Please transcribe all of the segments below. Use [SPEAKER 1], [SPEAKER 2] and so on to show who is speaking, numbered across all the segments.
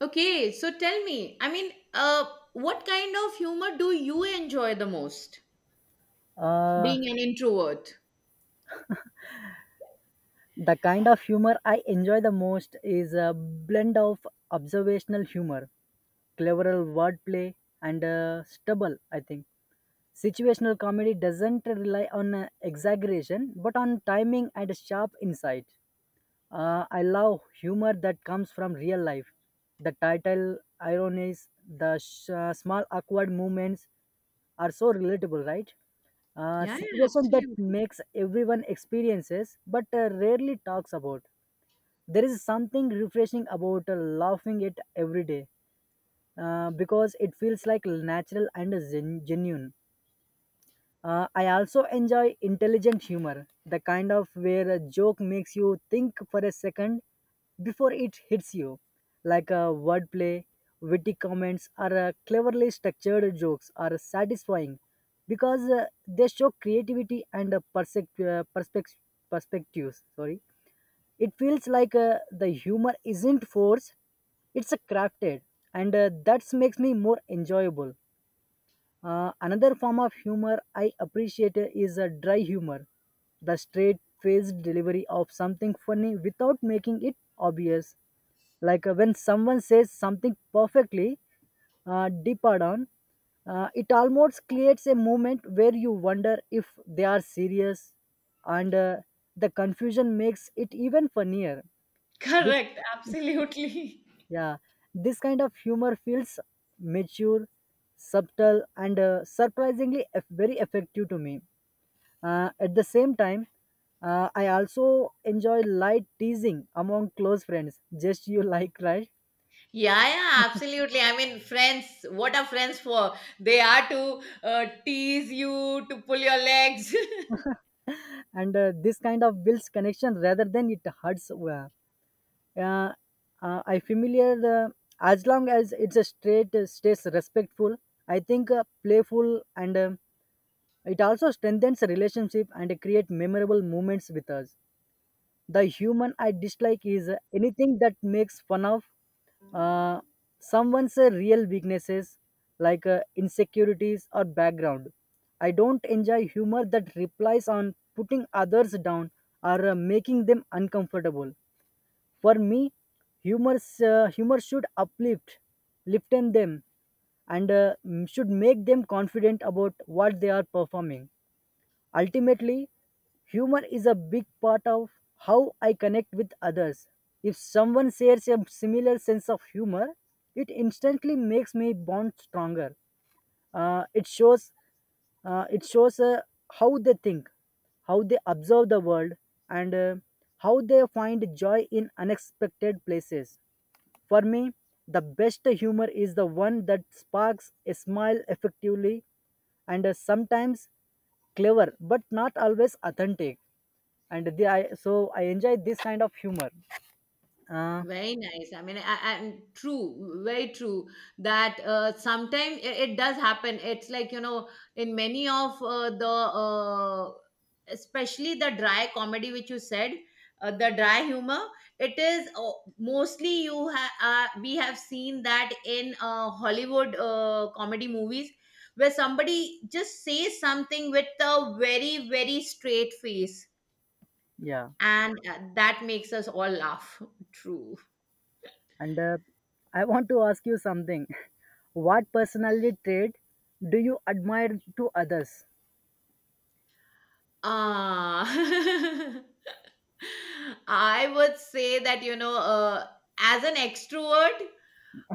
[SPEAKER 1] Okay, so tell me, I mean, what kind of humor do you enjoy the most?
[SPEAKER 2] Uh,
[SPEAKER 1] Being an introvert.
[SPEAKER 2] the kind of humor I enjoy the most is a blend of observational humor, clever wordplay, and stubble, I think. Situational comedy doesn't rely on exaggeration but on timing and sharp insight. I love humor that comes from real life. The title ironies, the small awkward moments are so relatable, right?
[SPEAKER 1] Yeah, yeah,
[SPEAKER 2] Situation that
[SPEAKER 1] absolutely.
[SPEAKER 2] makes everyone experiences but rarely talks about. There is something refreshing about laughing it every day because it feels like natural and genuine. I also enjoy intelligent humor, the kind of where a joke makes you think for a second before it hits you, like a wordplay, witty comments, or cleverly structured jokes are satisfying because they show creativity and perspectives. Sorry, it feels like the humor isn't forced; it's crafted, and that makes me more enjoyable. Another form of humor I appreciate is a dry humor, the straight faced delivery of something funny without making it obvious. Like when someone says something perfectly deep down, it almost creates a moment where you wonder if they are serious, and the confusion makes it even funnier. This
[SPEAKER 1] Correct, absolutely.
[SPEAKER 2] yeah, this kind of humor feels mature, subtle, and surprisingly very effective to me. At the same time, I also enjoy light teasing among close friends, just you like, right?
[SPEAKER 1] Yeah, yeah, absolutely. I mean, friends, what are friends for? They are to tease you, to pull your legs.
[SPEAKER 2] And this kind of builds connection rather than it hurts. Uh, I familiar the as long as it's a straight stays respectful. I think playful and it also strengthens relationship and create memorable moments with us. The human I dislike is anything that makes fun of uh, someone's real weaknesses like insecurities or background. I don't enjoy humor that replies on putting others down or making them uncomfortable. For me, humor should uplift, liften them, and should make them confident about what they are performing. Ultimately, humor is a big part of how I connect with others. If someone shares a similar sense of humor, it instantly makes me bond stronger. Uh, it shows, it shows how they think, how they observe the world, and how they find joy in unexpected places. For me, the best humor is the one that sparks a smile effectively and is sometimes clever but not always authentic. So I enjoy this kind of humor. Uh,
[SPEAKER 1] Very nice. I mean, and true, very true that sometimes it does happen. It's like, you know, in many of especially the dry comedy, which you said, the dry humor. It is mostly you have, we have seen that in Hollywood comedy movies where somebody just says something with a very, very straight face.
[SPEAKER 2] yeah.
[SPEAKER 1] And that makes us all laugh. True.
[SPEAKER 2] And I want to ask you something. What personality trait do you admire to others?
[SPEAKER 1] Ah, I would say that, you know, as an extrovert,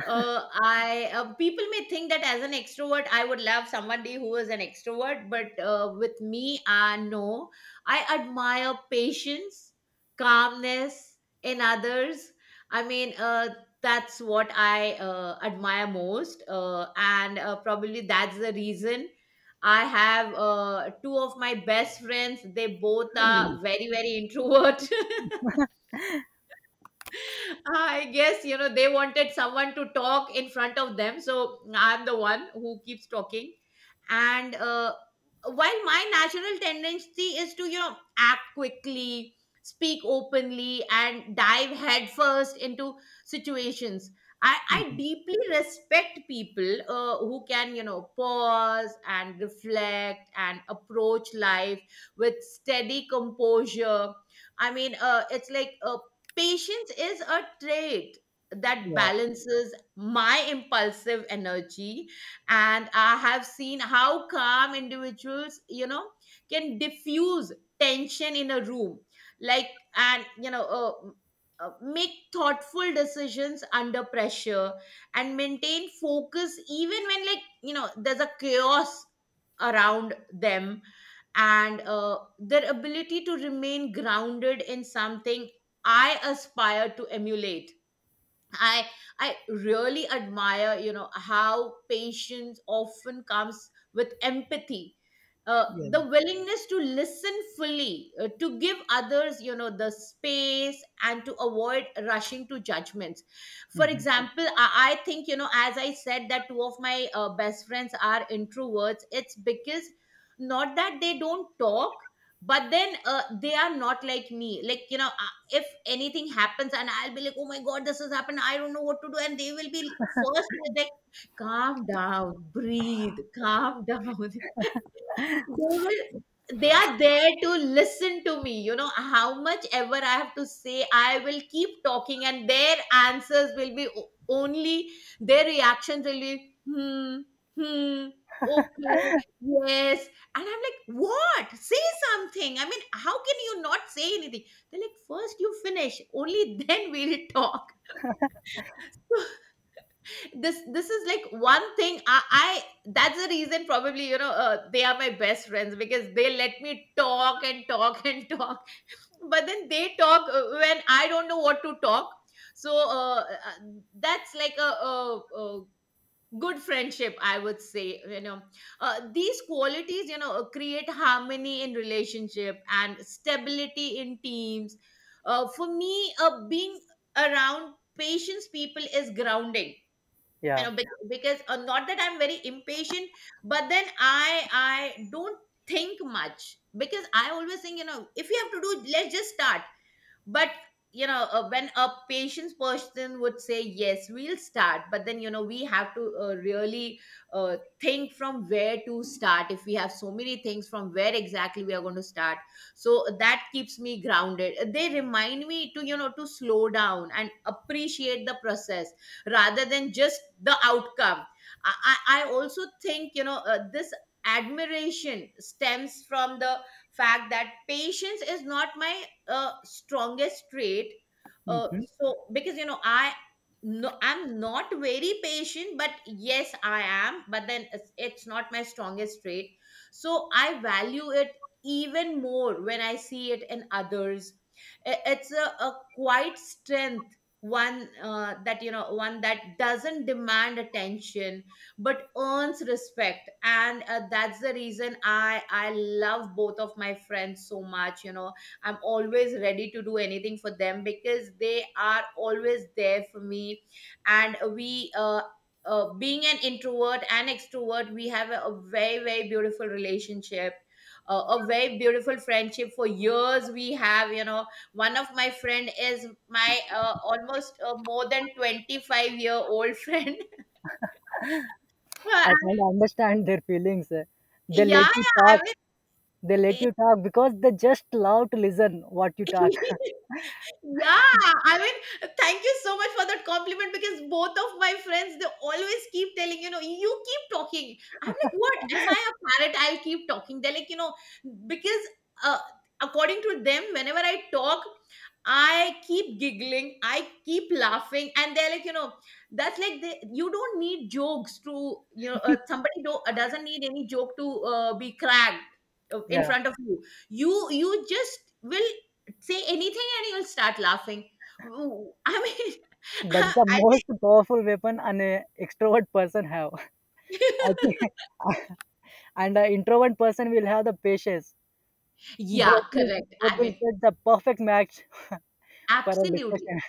[SPEAKER 1] I people may think that as an extrovert, I would love somebody who is an extrovert, but with me, no. I admire patience, calmness in others. I mean, that's what I admire most, and probably that's the reason I have two of my best friends. They both are very, very introvert. I guess, you know, they wanted someone to talk in front of them. So I'm the one who keeps talking. And while my natural tendency is to, you know, act quickly, speak openly, and dive headfirst into situations, I deeply respect people who can, you know, pause and reflect and approach life with steady composure. I mean, it's like patience is a trait that
[SPEAKER 2] Yeah.
[SPEAKER 1] balances my impulsive energy, and I have seen how calm individuals, you know, can diffuse tension in a room, like, and you know, make thoughtful decisions under pressure and maintain focus even when, like, you know, there's a chaos around them, and their ability to remain grounded in something I aspire to emulate. I I really admire, you know, how patience often comes with empathy.
[SPEAKER 2] Yeah.
[SPEAKER 1] The willingness to listen fully, to give others, you know, the space and to avoid rushing to judgments. For
[SPEAKER 2] Mhm.
[SPEAKER 1] example, I think, you know, as I said, that two of my best friends are introverts. It's because not that they don't talk, but then they are not like me. Like, you know, if anything happens and I'll be like, oh my God, this has happened. I don't know what to do. And they will be first like, calm down, breathe, calm down. Will they are there to listen to me. You know, how much ever I have to say, I will keep talking, and their answers will be only, their reactions will be hmm, hmm, okay, yes. And I'm like, what? Say something. I mean, how can you not say anything? They're like, first you finish, only then we'll talk. This is like one thing. I That's the reason, probably, you know, they are my best friends because they let me talk and talk and talk, but then they talk when I don't know what to talk. So that's like a good friendship, I would say. You know, these qualities, you know, create harmony in relationship and stability in teams. For me, being around patience people is grounding, you
[SPEAKER 2] Yeah.
[SPEAKER 1] know, because not that I'm very impatient, but then I don't think much, because I always think, you know, if you have to do, let's just start. But you know, when a patient's person would say, yes, we'll start, but then, you know, we have to really think from where to start, if we have so many things, from where exactly we are going to start. So that keeps me grounded. They remind me to, you know, to slow down and appreciate the process rather than just the outcome. I also think, you know, this admiration stems from the fact that patience is not my strongest trait. Uh,
[SPEAKER 2] Mhm.
[SPEAKER 1] so, because you know, I no, I'm not very patient, but yes I am. But then it's not my strongest trait. So I value it even more when I see it in others. It's a quiet strength, one that, you know, one that doesn't demand attention but earns respect. And that's the reason I love both of my friends so much. You know, I'm always ready to do anything for them because they are always there for me. And we, being an introvert and extrovert, we have a very, very beautiful relationship. A very beautiful friendship for years we have, you know. One of my friend is my almost, more than 25-year-old friend. Yeah,
[SPEAKER 2] I can understand their feelings. They let
[SPEAKER 1] yeah.
[SPEAKER 2] you talk.
[SPEAKER 1] I
[SPEAKER 2] They let you talk because they just love to listen what you
[SPEAKER 1] mean.
[SPEAKER 2] talk.
[SPEAKER 1] Yeah, I mean, thank you so much for that compliment, because both of my friends, they always keep telling, you know, you keep talking. I'm like, what? Am I a parrot? I'll keep talking. They're like, you know, because uh, according to them, whenever I talk, I keep giggling, I keep laughing, and they're like, you know, that's like, they, you don't need jokes to, you know, doesn't need any joke to be cracked in
[SPEAKER 2] Yeah,
[SPEAKER 1] front of you. You just will say anything and you'll start laughing. Ooh, I mean,
[SPEAKER 2] that's the
[SPEAKER 1] I think,
[SPEAKER 2] most powerful weapon an extrovert person have. I think, and an introvert person will have the patience.
[SPEAKER 1] yeah,
[SPEAKER 2] Both will,
[SPEAKER 1] correct.
[SPEAKER 2] both
[SPEAKER 1] I
[SPEAKER 2] will
[SPEAKER 1] mean,
[SPEAKER 2] get the perfect match for a
[SPEAKER 1] absolutely.
[SPEAKER 2] discussion.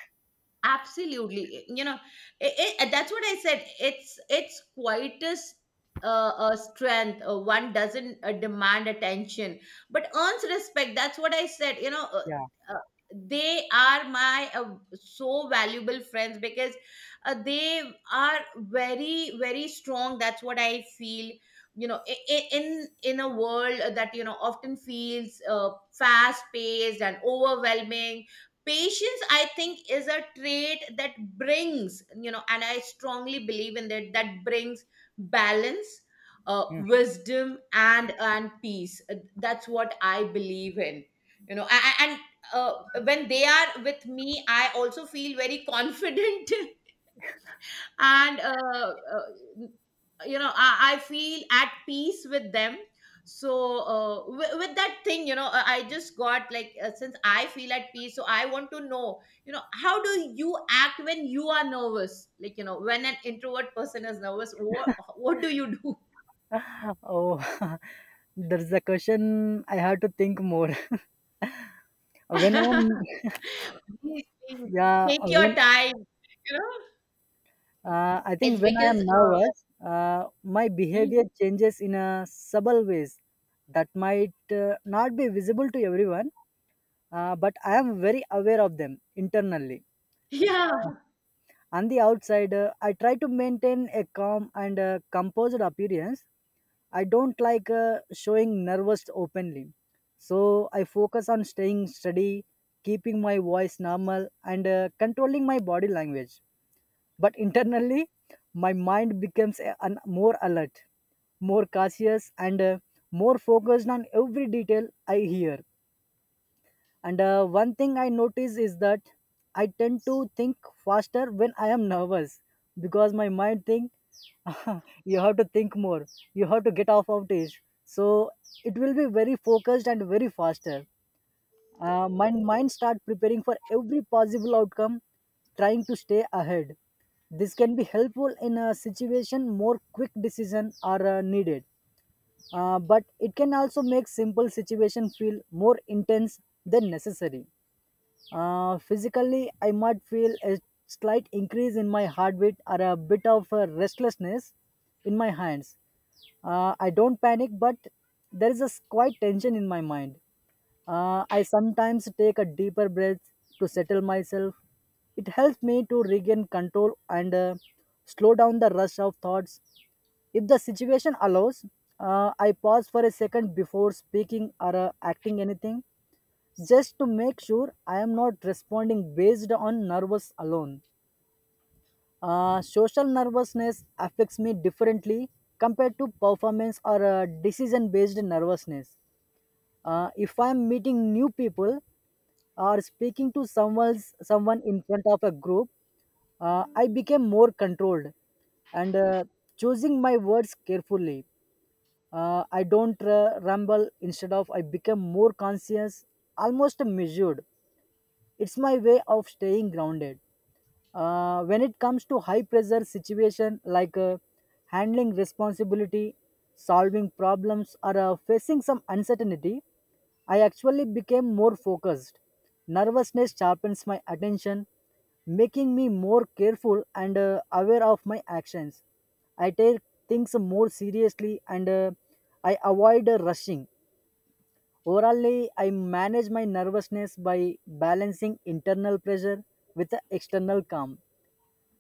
[SPEAKER 1] Absolutely, you know, that's what I said, it's quietest strength, one doesn't demand attention but earns respect. That's what I said, you know.
[SPEAKER 2] Yeah.
[SPEAKER 1] Uh, they are my so valuable friends, because they are very, very strong. That's what I feel, you know. In a world that, you know, often feels fast paced and overwhelming, patience, I think, is a trait that brings, you know, and I strongly believe in that, that brings balance, wisdom, and peace. That's what I believe in, you know, and uh, when they are with me I also feel very confident. And you know, I feel at peace with them. So with that thing, you know, I just got like, since I feel at peace, so I want to know, you know, how do you act when you are nervous, like, you know, when an introvert person is nervous, what do you do?
[SPEAKER 2] Hmm. Oh, there's a question I have to think more. When I'm
[SPEAKER 1] Please, please,
[SPEAKER 2] yeah,
[SPEAKER 1] take your
[SPEAKER 2] when
[SPEAKER 1] time, you know.
[SPEAKER 2] I think
[SPEAKER 1] It's
[SPEAKER 2] when I
[SPEAKER 1] because
[SPEAKER 2] am nervous, my behavior
[SPEAKER 1] mhm.
[SPEAKER 2] changes in a subtle ways that might not be visible to everyone, but I am very aware of them internally.
[SPEAKER 1] Yeah,
[SPEAKER 2] Uh, on the outside, I try to maintain a calm and composed appearance. I don't like showing nervous openly. So I focus on staying steady, keeping my voice normal, and controlling my body language. But internally, my mind becomes more alert, more cautious, and more focused on every detail I hear. And one thing I notice is that I tend to think faster when I am nervous because my mind thinks you have to think more, you have to get off of this. So it will be very focused and very faster. My mind start preparing for every possible outcome, trying to stay ahead. This can be helpful in a situation more quick decision are needed. But it can also make simple situation feel more intense than necessary. Physically, I might feel a slight increase in my heartbeat or a bit of restlessness in my hands. I don't panic, but there is a quite tension in my mind. I sometimes take a deeper breath to settle myself. It helps me to regain control and slow down the rush of thoughts. If the situation allows, I pause for a second before speaking or acting anything, just to make sure I am not responding based on nervous alone. Social nervousness affects me differently compared to performance or decision based nervousness. If I'm meeting new people or speaking to someone in front of a group, I became more controlled and choosing my words carefully. I don't ramble. Instead of I become more conscious, almost measured. It's my way of staying grounded. When it comes to high pressure situation like handling responsibility, solving problems, or facing some uncertainty, I actually became more focused. Nervousness sharpens my attention, making me more careful and aware of my actions. I take things more seriously and I avoid rushing. Overall, I manage my nervousness by balancing internal pressure with the external calm.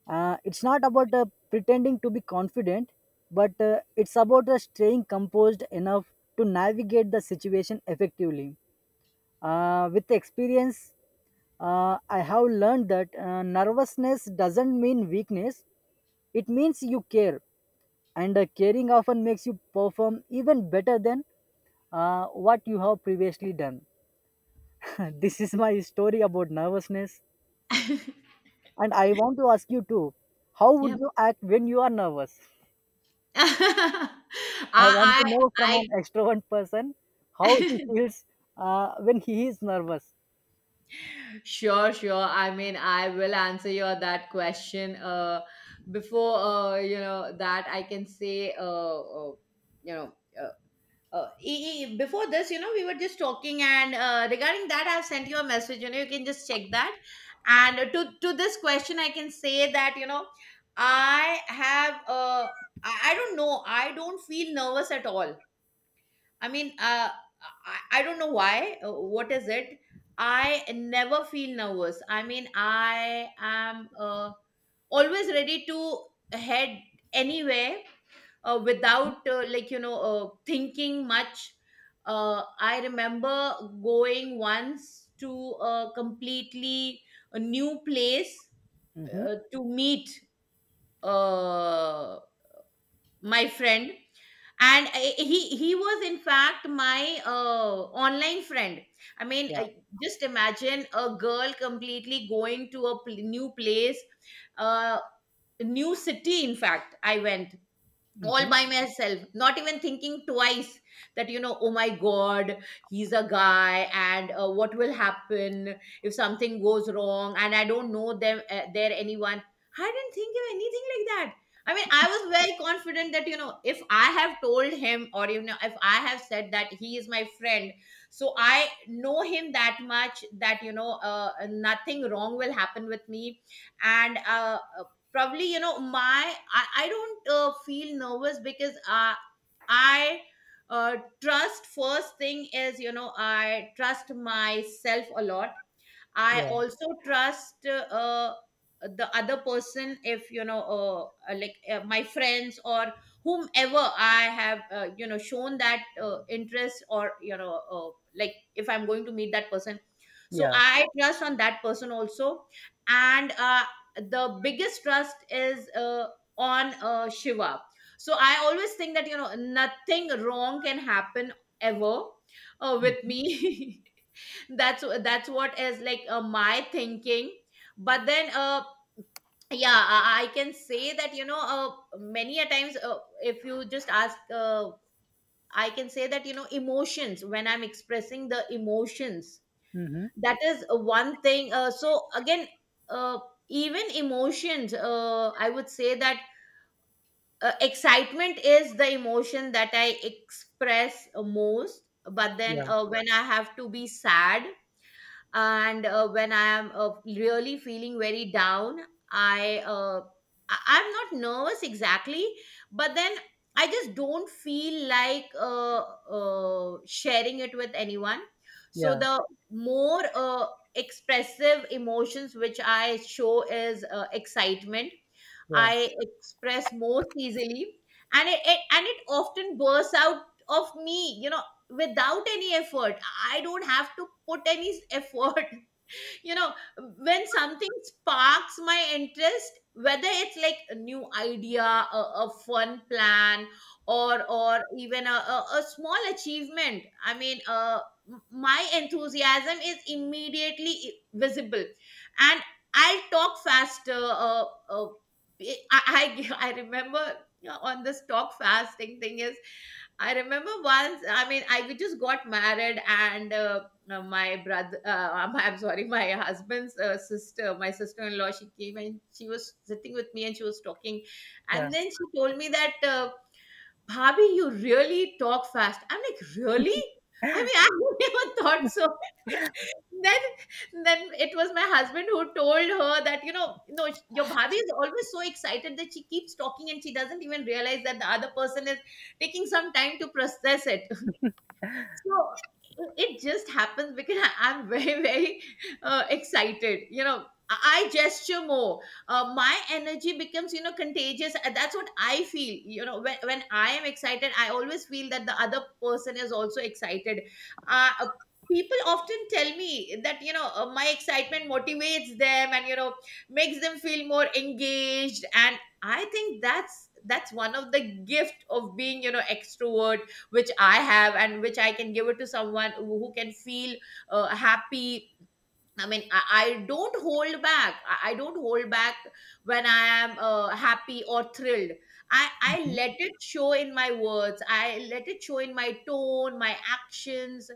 [SPEAKER 2] It's not about pretending to be confident, but it's about staying composed enough to navigate the situation effectively. With experience, I have learned that nervousness doesn't mean weakness, it means you care, and caring often makes you perform even better than what you have previously done. This is my story about nervousness, and I want to ask you too, how would
[SPEAKER 1] yeah.
[SPEAKER 2] you act when you are nervous? I want to
[SPEAKER 1] I, I,
[SPEAKER 2] know from an extrovert person how he
[SPEAKER 1] I,
[SPEAKER 2] feels when he is nervous.
[SPEAKER 1] Sure, sure. I mean, I will answer your that question. Before you know that, I can say, uh you know. Uh, Before this, you know, we were just talking, and regarding that, I've sent you a message. You know, you can just check that. And to this question, I can say that, you know, I have uh, I don't know, I don't feel nervous at all. I mean, I don't know why. What is it? I never feel nervous. I mean, I am always ready to head anywhere without, like, you know, thinking much. I remember going once to a completely a new place,
[SPEAKER 2] Mm-hmm.
[SPEAKER 1] to meet uh, my friend, and he was, in fact, my online friend. I mean,
[SPEAKER 2] Yeah.
[SPEAKER 1] just imagine, a girl completely going to a new place, uh, new city. In fact, I went all
[SPEAKER 2] Mm-hmm.
[SPEAKER 1] by myself, not even thinking twice that, you know, oh my God, he's a guy, and what will happen if something goes wrong, and I don't know them, there, anyone. I didn't think of anything like that. I mean, I was very confident that, you know, if I have told him, or you know, if I have said that he is my friend, so I know him that much that, you know, nothing wrong will happen with me. And probably, you know, I don't feel nervous, because I trust. First thing is, you know, I trust myself a lot. I
[SPEAKER 2] Yeah.
[SPEAKER 1] also trust the other person, if you know, like my friends, or whomever I have, you know, shown that interest, or you know, like, if I'm going to meet that person. So
[SPEAKER 2] Yeah.
[SPEAKER 1] I trust on that person also, and the biggest trust is on Shiva. So I always think that nothing wrong can happen ever with me that's what is like my thinking, but then I can say that many a times, if you just ask, I can say that you know emotions, when I'm expressing the emotions,
[SPEAKER 2] Mm-hmm.
[SPEAKER 1] that is one thing. So again, uh, even emotions, I would say that, excitement is the emotion that I express most. But then
[SPEAKER 2] Yeah.
[SPEAKER 1] when I have to be sad, and when I am really feeling very down, i uh, I'm not nervous exactly, but then I just don't feel like sharing it with anyone. so
[SPEAKER 2] Yeah.
[SPEAKER 1] the more expressive emotions which I show is excitement.
[SPEAKER 2] Yeah.
[SPEAKER 1] I express most easily, and it often bursts out of me, you know, without any effort. I don't have to put any effort, you know, when something sparks my interest, whether it's like a new idea, a fun plan, or even a small achievement. I mean, my enthusiasm is immediately visible, and I'll talk faster. I remember, you know, on this talk fasting thing is, I remember once, I mean, I just got married, and I'm sorry, my husband's sister, my sister-in-law, she came and she was sitting with me and she was talking,
[SPEAKER 2] Yeah.
[SPEAKER 1] and then she told me that, bhabhi, you really talk fast. I'm like, really? I mean, I never thought so. then then it was my husband who told her that, you know, no, your bhabi is always so excited that she keeps talking and she doesn't even realize that the other person is taking some time to process it. So it just happens because I'm very, very excited. You know, I gesture more. My energy becomes, you know, contagious. That's what I feel. You know, when I am excited, I always feel that the other person is also excited. Uh, uh, people often tell me that, you know, my excitement motivates them and, you know, makes them feel more engaged. And I think that's one of the gift of being, you know, extrovert, which I have and which I can give it to someone who can feel happy. I mean, I don't hold back. I don't hold back when I am happy or thrilled. I
[SPEAKER 2] Mhm.
[SPEAKER 1] let it show in my words, I let it show in my tone, my actions.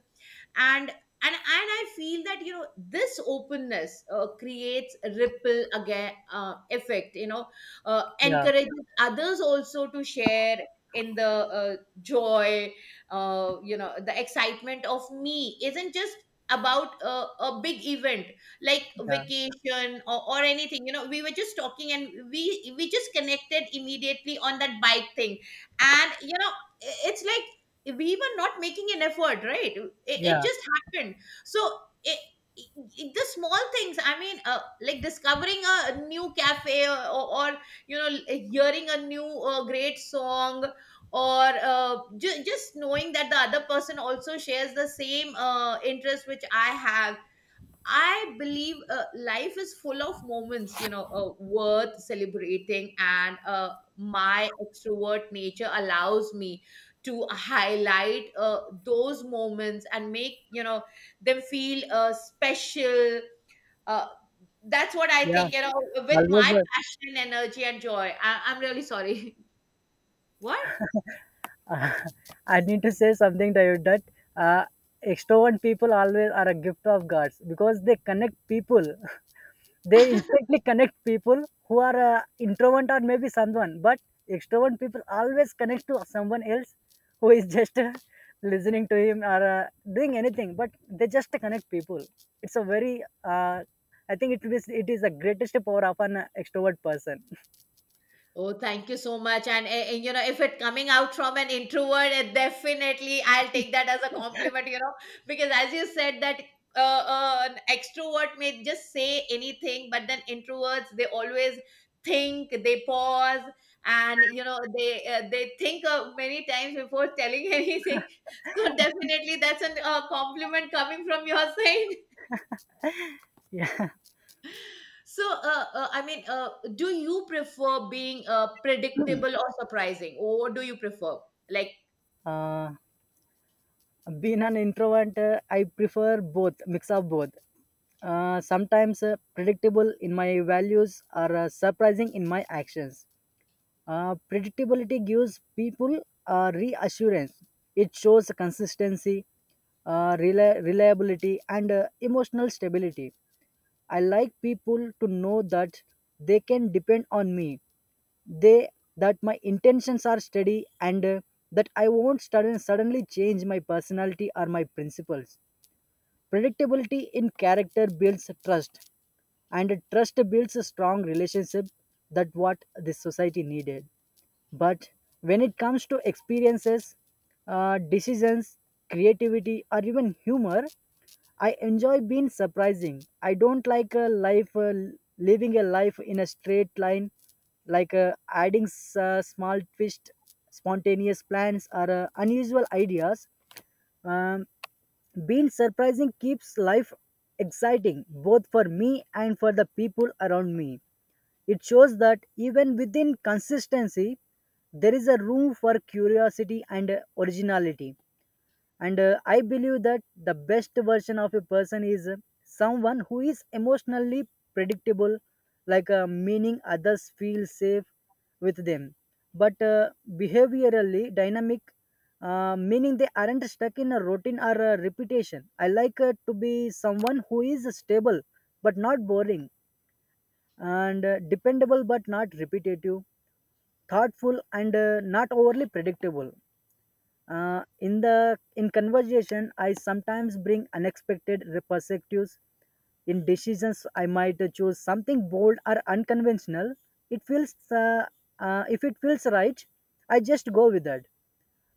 [SPEAKER 1] And I feel that, you know, this openness creates a ripple, again, effect, you know,
[SPEAKER 2] Yeah.
[SPEAKER 1] encourages others also to share in the joy. You know, the excitement of me isn't just about a big event like
[SPEAKER 2] Yeah.
[SPEAKER 1] vacation, or anything. You know, we were just talking and we just connected immediately on that bike thing, and you know, it's like we were not making an effort, right? It
[SPEAKER 2] Yeah.
[SPEAKER 1] just happened. So it, it, the small things, I mean, like discovering a new cafe, or, you know, hearing a new great song, or just knowing that the other person also shares the same interest which I have. I believe life is full of moments, you know, worth celebrating, and my extrovert nature allows me to highlight those moments and make, you know, them feel special. Uh, that's what I
[SPEAKER 2] Yeah.
[SPEAKER 1] think, you know, with my
[SPEAKER 2] Always,
[SPEAKER 1] passion, energy, and joy. I'm really sorry. What?
[SPEAKER 2] uh, I need to say something to you that uh, extrovert people always are a gift of gods because they connect people. They instantly connect people who are introvert or maybe someone, but extrovert people always connect to someone else who is just listening to him or doing anything, but they just connect people. It's a very I think it is, it is the greatest power of an extrovert person.
[SPEAKER 1] Oh, thank you so much. And, you know, if it coming out from an introvert, definitely I'll take that as a compliment, you know, because as you said that, an extrovert may just say anything, but then introverts, they always think, they pause and, you know, they think many times before telling anything. So definitely that's a compliment coming from your side.
[SPEAKER 2] Yeah.
[SPEAKER 1] So, I mean, do you prefer being predictable or surprising? Or do you prefer? Like,
[SPEAKER 2] uh, Being an introvert, I prefer both, mix of both. Sometimes predictable in my values or surprising in my actions. Predictability gives people reassurance. It shows consistency, reliability, and emotional stability. I like people to know that they can depend on me. They that my intentions are steady and that I won't suddenly change my personality or my principles. Predictability in character builds trust, and trust builds a strong relationship. That what this society needed. But when it comes to experiences, decisions, creativity, or even humor, I enjoy being surprising. I don't like a life living a life in a straight line, like adding small twist, spontaneous plans, or unusual ideas. Um, Being surprising keeps life exciting both for me and for the people around me. It shows that even within consistency, there is a room for curiosity and originality. And I believe that the best version of a person is someone who is emotionally predictable, like meaning others feel safe with them, but behaviorally dynamic, meaning they aren't stuck in a routine or a repetition. I like to be someone who is stable but not boring, and dependable but not repetitive, thoughtful and not overly predictable. Uh, in the in conversation I sometimes bring unexpected perspectives. In decisions I might choose something bold or unconventional. It feels If it feels right, I just go with that.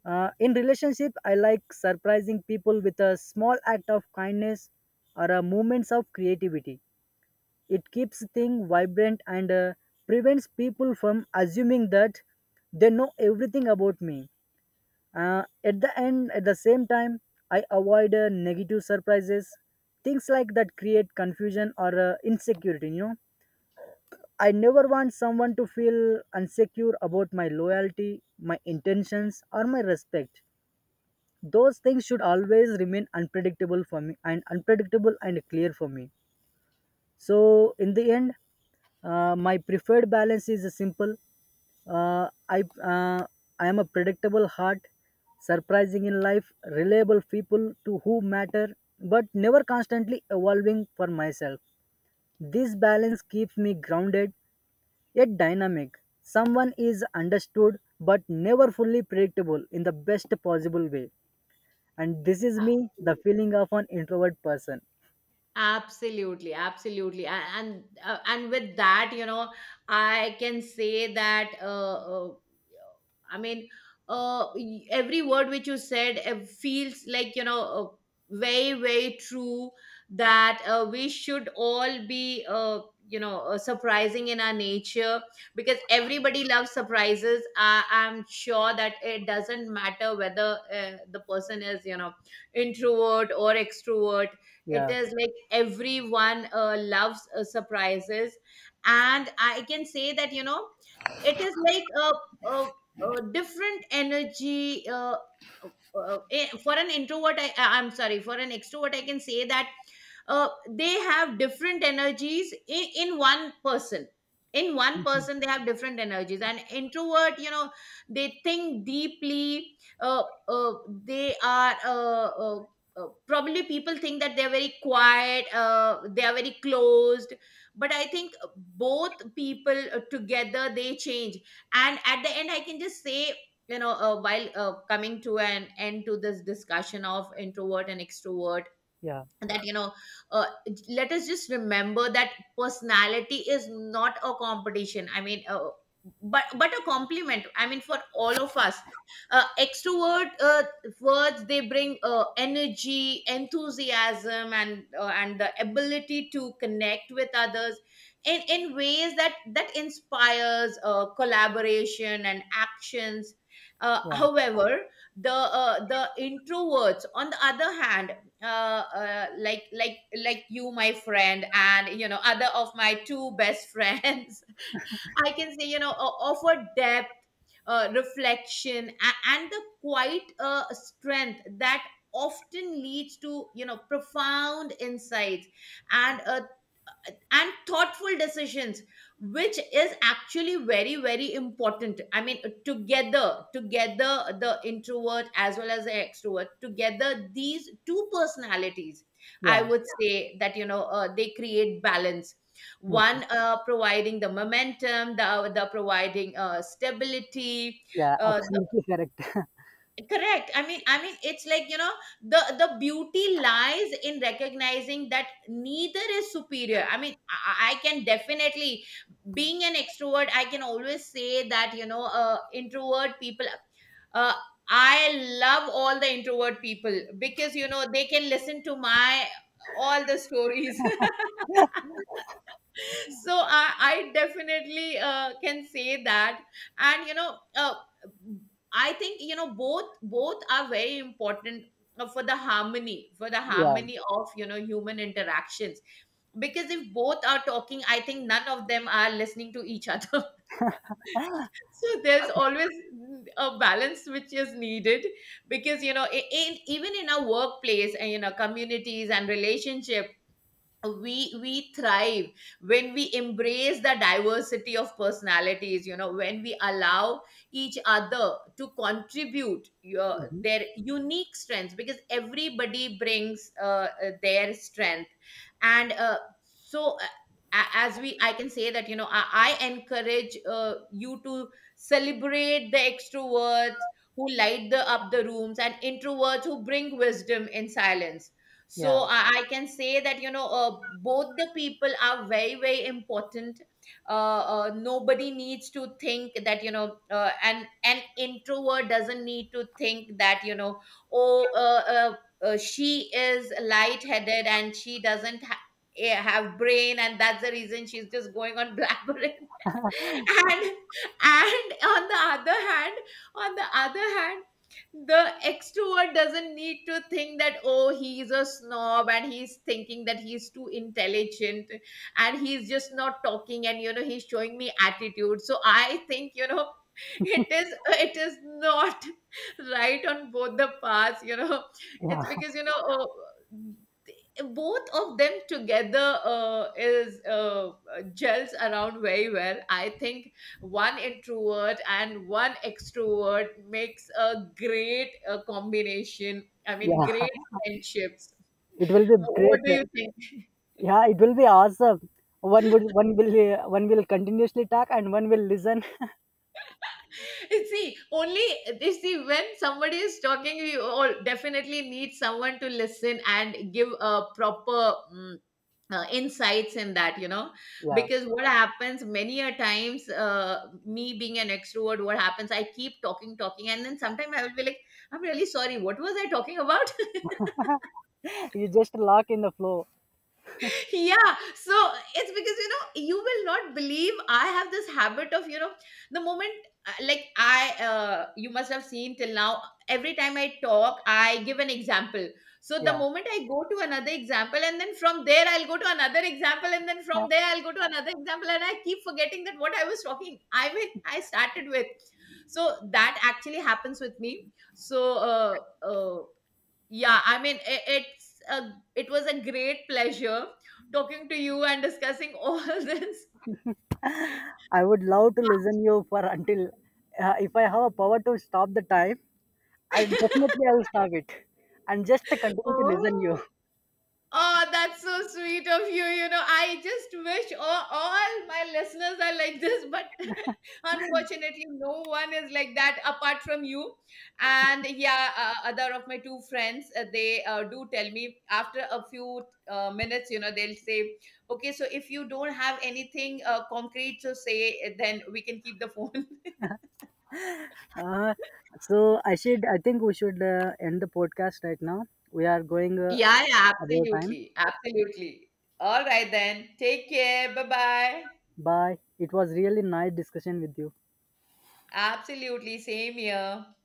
[SPEAKER 2] In relationship I like surprising people with a small act of kindness or a moments of creativity. It keeps things vibrant and prevents people from assuming that they know everything about me. At the end, at the same time, I avoid negative surprises, things like that create confusion or insecurity. You know, I never want someone to feel insecure about my loyalty, my intentions, or my respect. Those things should always remain unpredictable for me and unpredictable and clear for me. So in the end, my preferred balance is a simple. Uh, I uh, I am a predictable heart, surprising in life, reliable people to who matter, but never constantly evolving for myself. This balance keeps me grounded yet dynamic. Someone is understood but never fully predictable in the best possible way. And this is me, the feeling of an introvert person.
[SPEAKER 1] absolutely, absolutely, and with that, you know, I can say that. I mean, every word which you said feels like, you know, very very true. That we should all be you know, surprising in our nature, because everybody loves surprises. I am sure that it doesn't matter whether the person is, you know, introvert or extrovert, it
[SPEAKER 2] Yeah.
[SPEAKER 1] is like everyone loves surprises. And I can say that, you know, it is like a different energy, for an introvert, I'm sorry, for an extrovert, I can say that they have different energies in one person, in one
[SPEAKER 2] Mm-hmm.
[SPEAKER 1] person they have different energies. And introvert, you know, they think deeply, uh, they are probably people think that they're very quiet, they are very closed. But I think both people, together they change. And at the end I can just say, you know, while coming to an end to this discussion of introvert and extrovert,
[SPEAKER 2] yeah,
[SPEAKER 1] that, you know, uh, let us just remember that personality is not a competition, I mean, but a compliment, I mean, for all of us. Extrovert words, they bring energy, enthusiasm, and the ability to connect with others in ways that inspires collaboration and actions.
[SPEAKER 2] yeah,
[SPEAKER 1] However, the introverts, on the other hand, like you, my friend, and you know, other of my two best friends, I can say, you know, offer depth, reflection, and the quite strength that often leads to, you know, profound insights and uh, and thoughtful decisions, which is actually very very important. I mean, together the introvert as well as the extrovert, together these two personalities, I
[SPEAKER 2] yeah.
[SPEAKER 1] would say that, you know, they create balance,
[SPEAKER 2] Mm.
[SPEAKER 1] one providing the momentum, the other providing stability.
[SPEAKER 2] Yeah,
[SPEAKER 1] uh,
[SPEAKER 2] absolutely correct.
[SPEAKER 1] Correct, I mean, I mean, it's like, you know, the beauty lies in recognizing that neither is superior. I mean, I can definitely, being an extrovert, I can always say that, you know, introvert people, uh, I love all the introvert people, because, you know, they can listen to my all the stories. So, I definitely can say that. And you know, I think, you know, both are very important for the harmony, for the
[SPEAKER 2] Yeah.
[SPEAKER 1] harmony of, you know, human interactions, because if both are talking, I think none of them are listening to each other. So there's always, mm, a balance which is needed, because, you know, even in our workplace and in our communities and relationship, we thrive when we embrace the diversity of personalities. You know, when we allow each other to contribute your
[SPEAKER 2] Mhm.
[SPEAKER 1] their unique strengths, because everybody brings their strength, and so uh, as we, I can say that, you know, I encourage you to celebrate the extroverts who light the up the rooms, and introverts who bring wisdom in silence. So
[SPEAKER 2] Yeah.
[SPEAKER 1] I can say that, you know, both the people are very very important. Nobody needs to think that, you know, an introvert doesn't need to think that, you know, oh, she is light headed and she doesn't have brain, and that's the reason she's just going on blabbering. and and on the other hand, on the other hand, the extrovert doesn't need to think that, oh, he's a snob and he's thinking that he's too intelligent and he's just not talking, and you know, he's showing me attitude. So I think, you know, it is not right on both the paths, you know.
[SPEAKER 2] Yeah.
[SPEAKER 1] It's because, you know, oh, both of them together is gels around very well, I think. One introvert and one extrovert makes a great combination, I mean,
[SPEAKER 2] Yeah.
[SPEAKER 1] great friendships.
[SPEAKER 2] It will be
[SPEAKER 1] What
[SPEAKER 2] great.
[SPEAKER 1] do you think?
[SPEAKER 2] Yeah, it will be awesome. One will one will continuously talk and one will listen.
[SPEAKER 1] See, only, you see, when somebody is talking, you all definitely need someone to listen and give a proper, mm, insights in that, you know,
[SPEAKER 2] Yeah.
[SPEAKER 1] because what happens many a times, me being an extrovert, what happens, I keep talking, talking, and then sometimes I will be like, I'm really sorry, what was I talking about?
[SPEAKER 2] You just lock in the flow.
[SPEAKER 1] Yeah, so it's because, you know, you will not believe, I have this habit of, you know, the moment, like I you must have seen till now, every time I talk, I give an example. So the
[SPEAKER 2] Yeah.
[SPEAKER 1] moment I go to another example, and then from there I'll go to another example, and then
[SPEAKER 2] Yeah.
[SPEAKER 1] from there I'll go to another example, and I keep forgetting that what I was talking, I mean, I started with. So that actually happens with me. So, uh, uh, yeah, I mean, I it's it was a great pleasure talking to you and discussing all this.
[SPEAKER 2] I would love to listen you for until if I have a power to stop the time, I definitely I will stop it and just continue to listen you.
[SPEAKER 1] Oh, oh, that's so sweet of you. You know, I just wish all my listeners are like this, but unfortunately, no one is like that apart from you. And yeah, other of my two friends, they do tell me after a few minutes, you know, they'll say, okay, so if you don't have anything concrete to say, then we can keep the phone.
[SPEAKER 2] Uh, so I should. I think we should end the podcast right now. We are going
[SPEAKER 1] Yeah, yeah,
[SPEAKER 2] about time.
[SPEAKER 1] absolutely. Absolutely. All right, then. Take care. Bye bye.
[SPEAKER 2] Bye. It was really nice discussion with you.
[SPEAKER 1] Absolutely. Same here.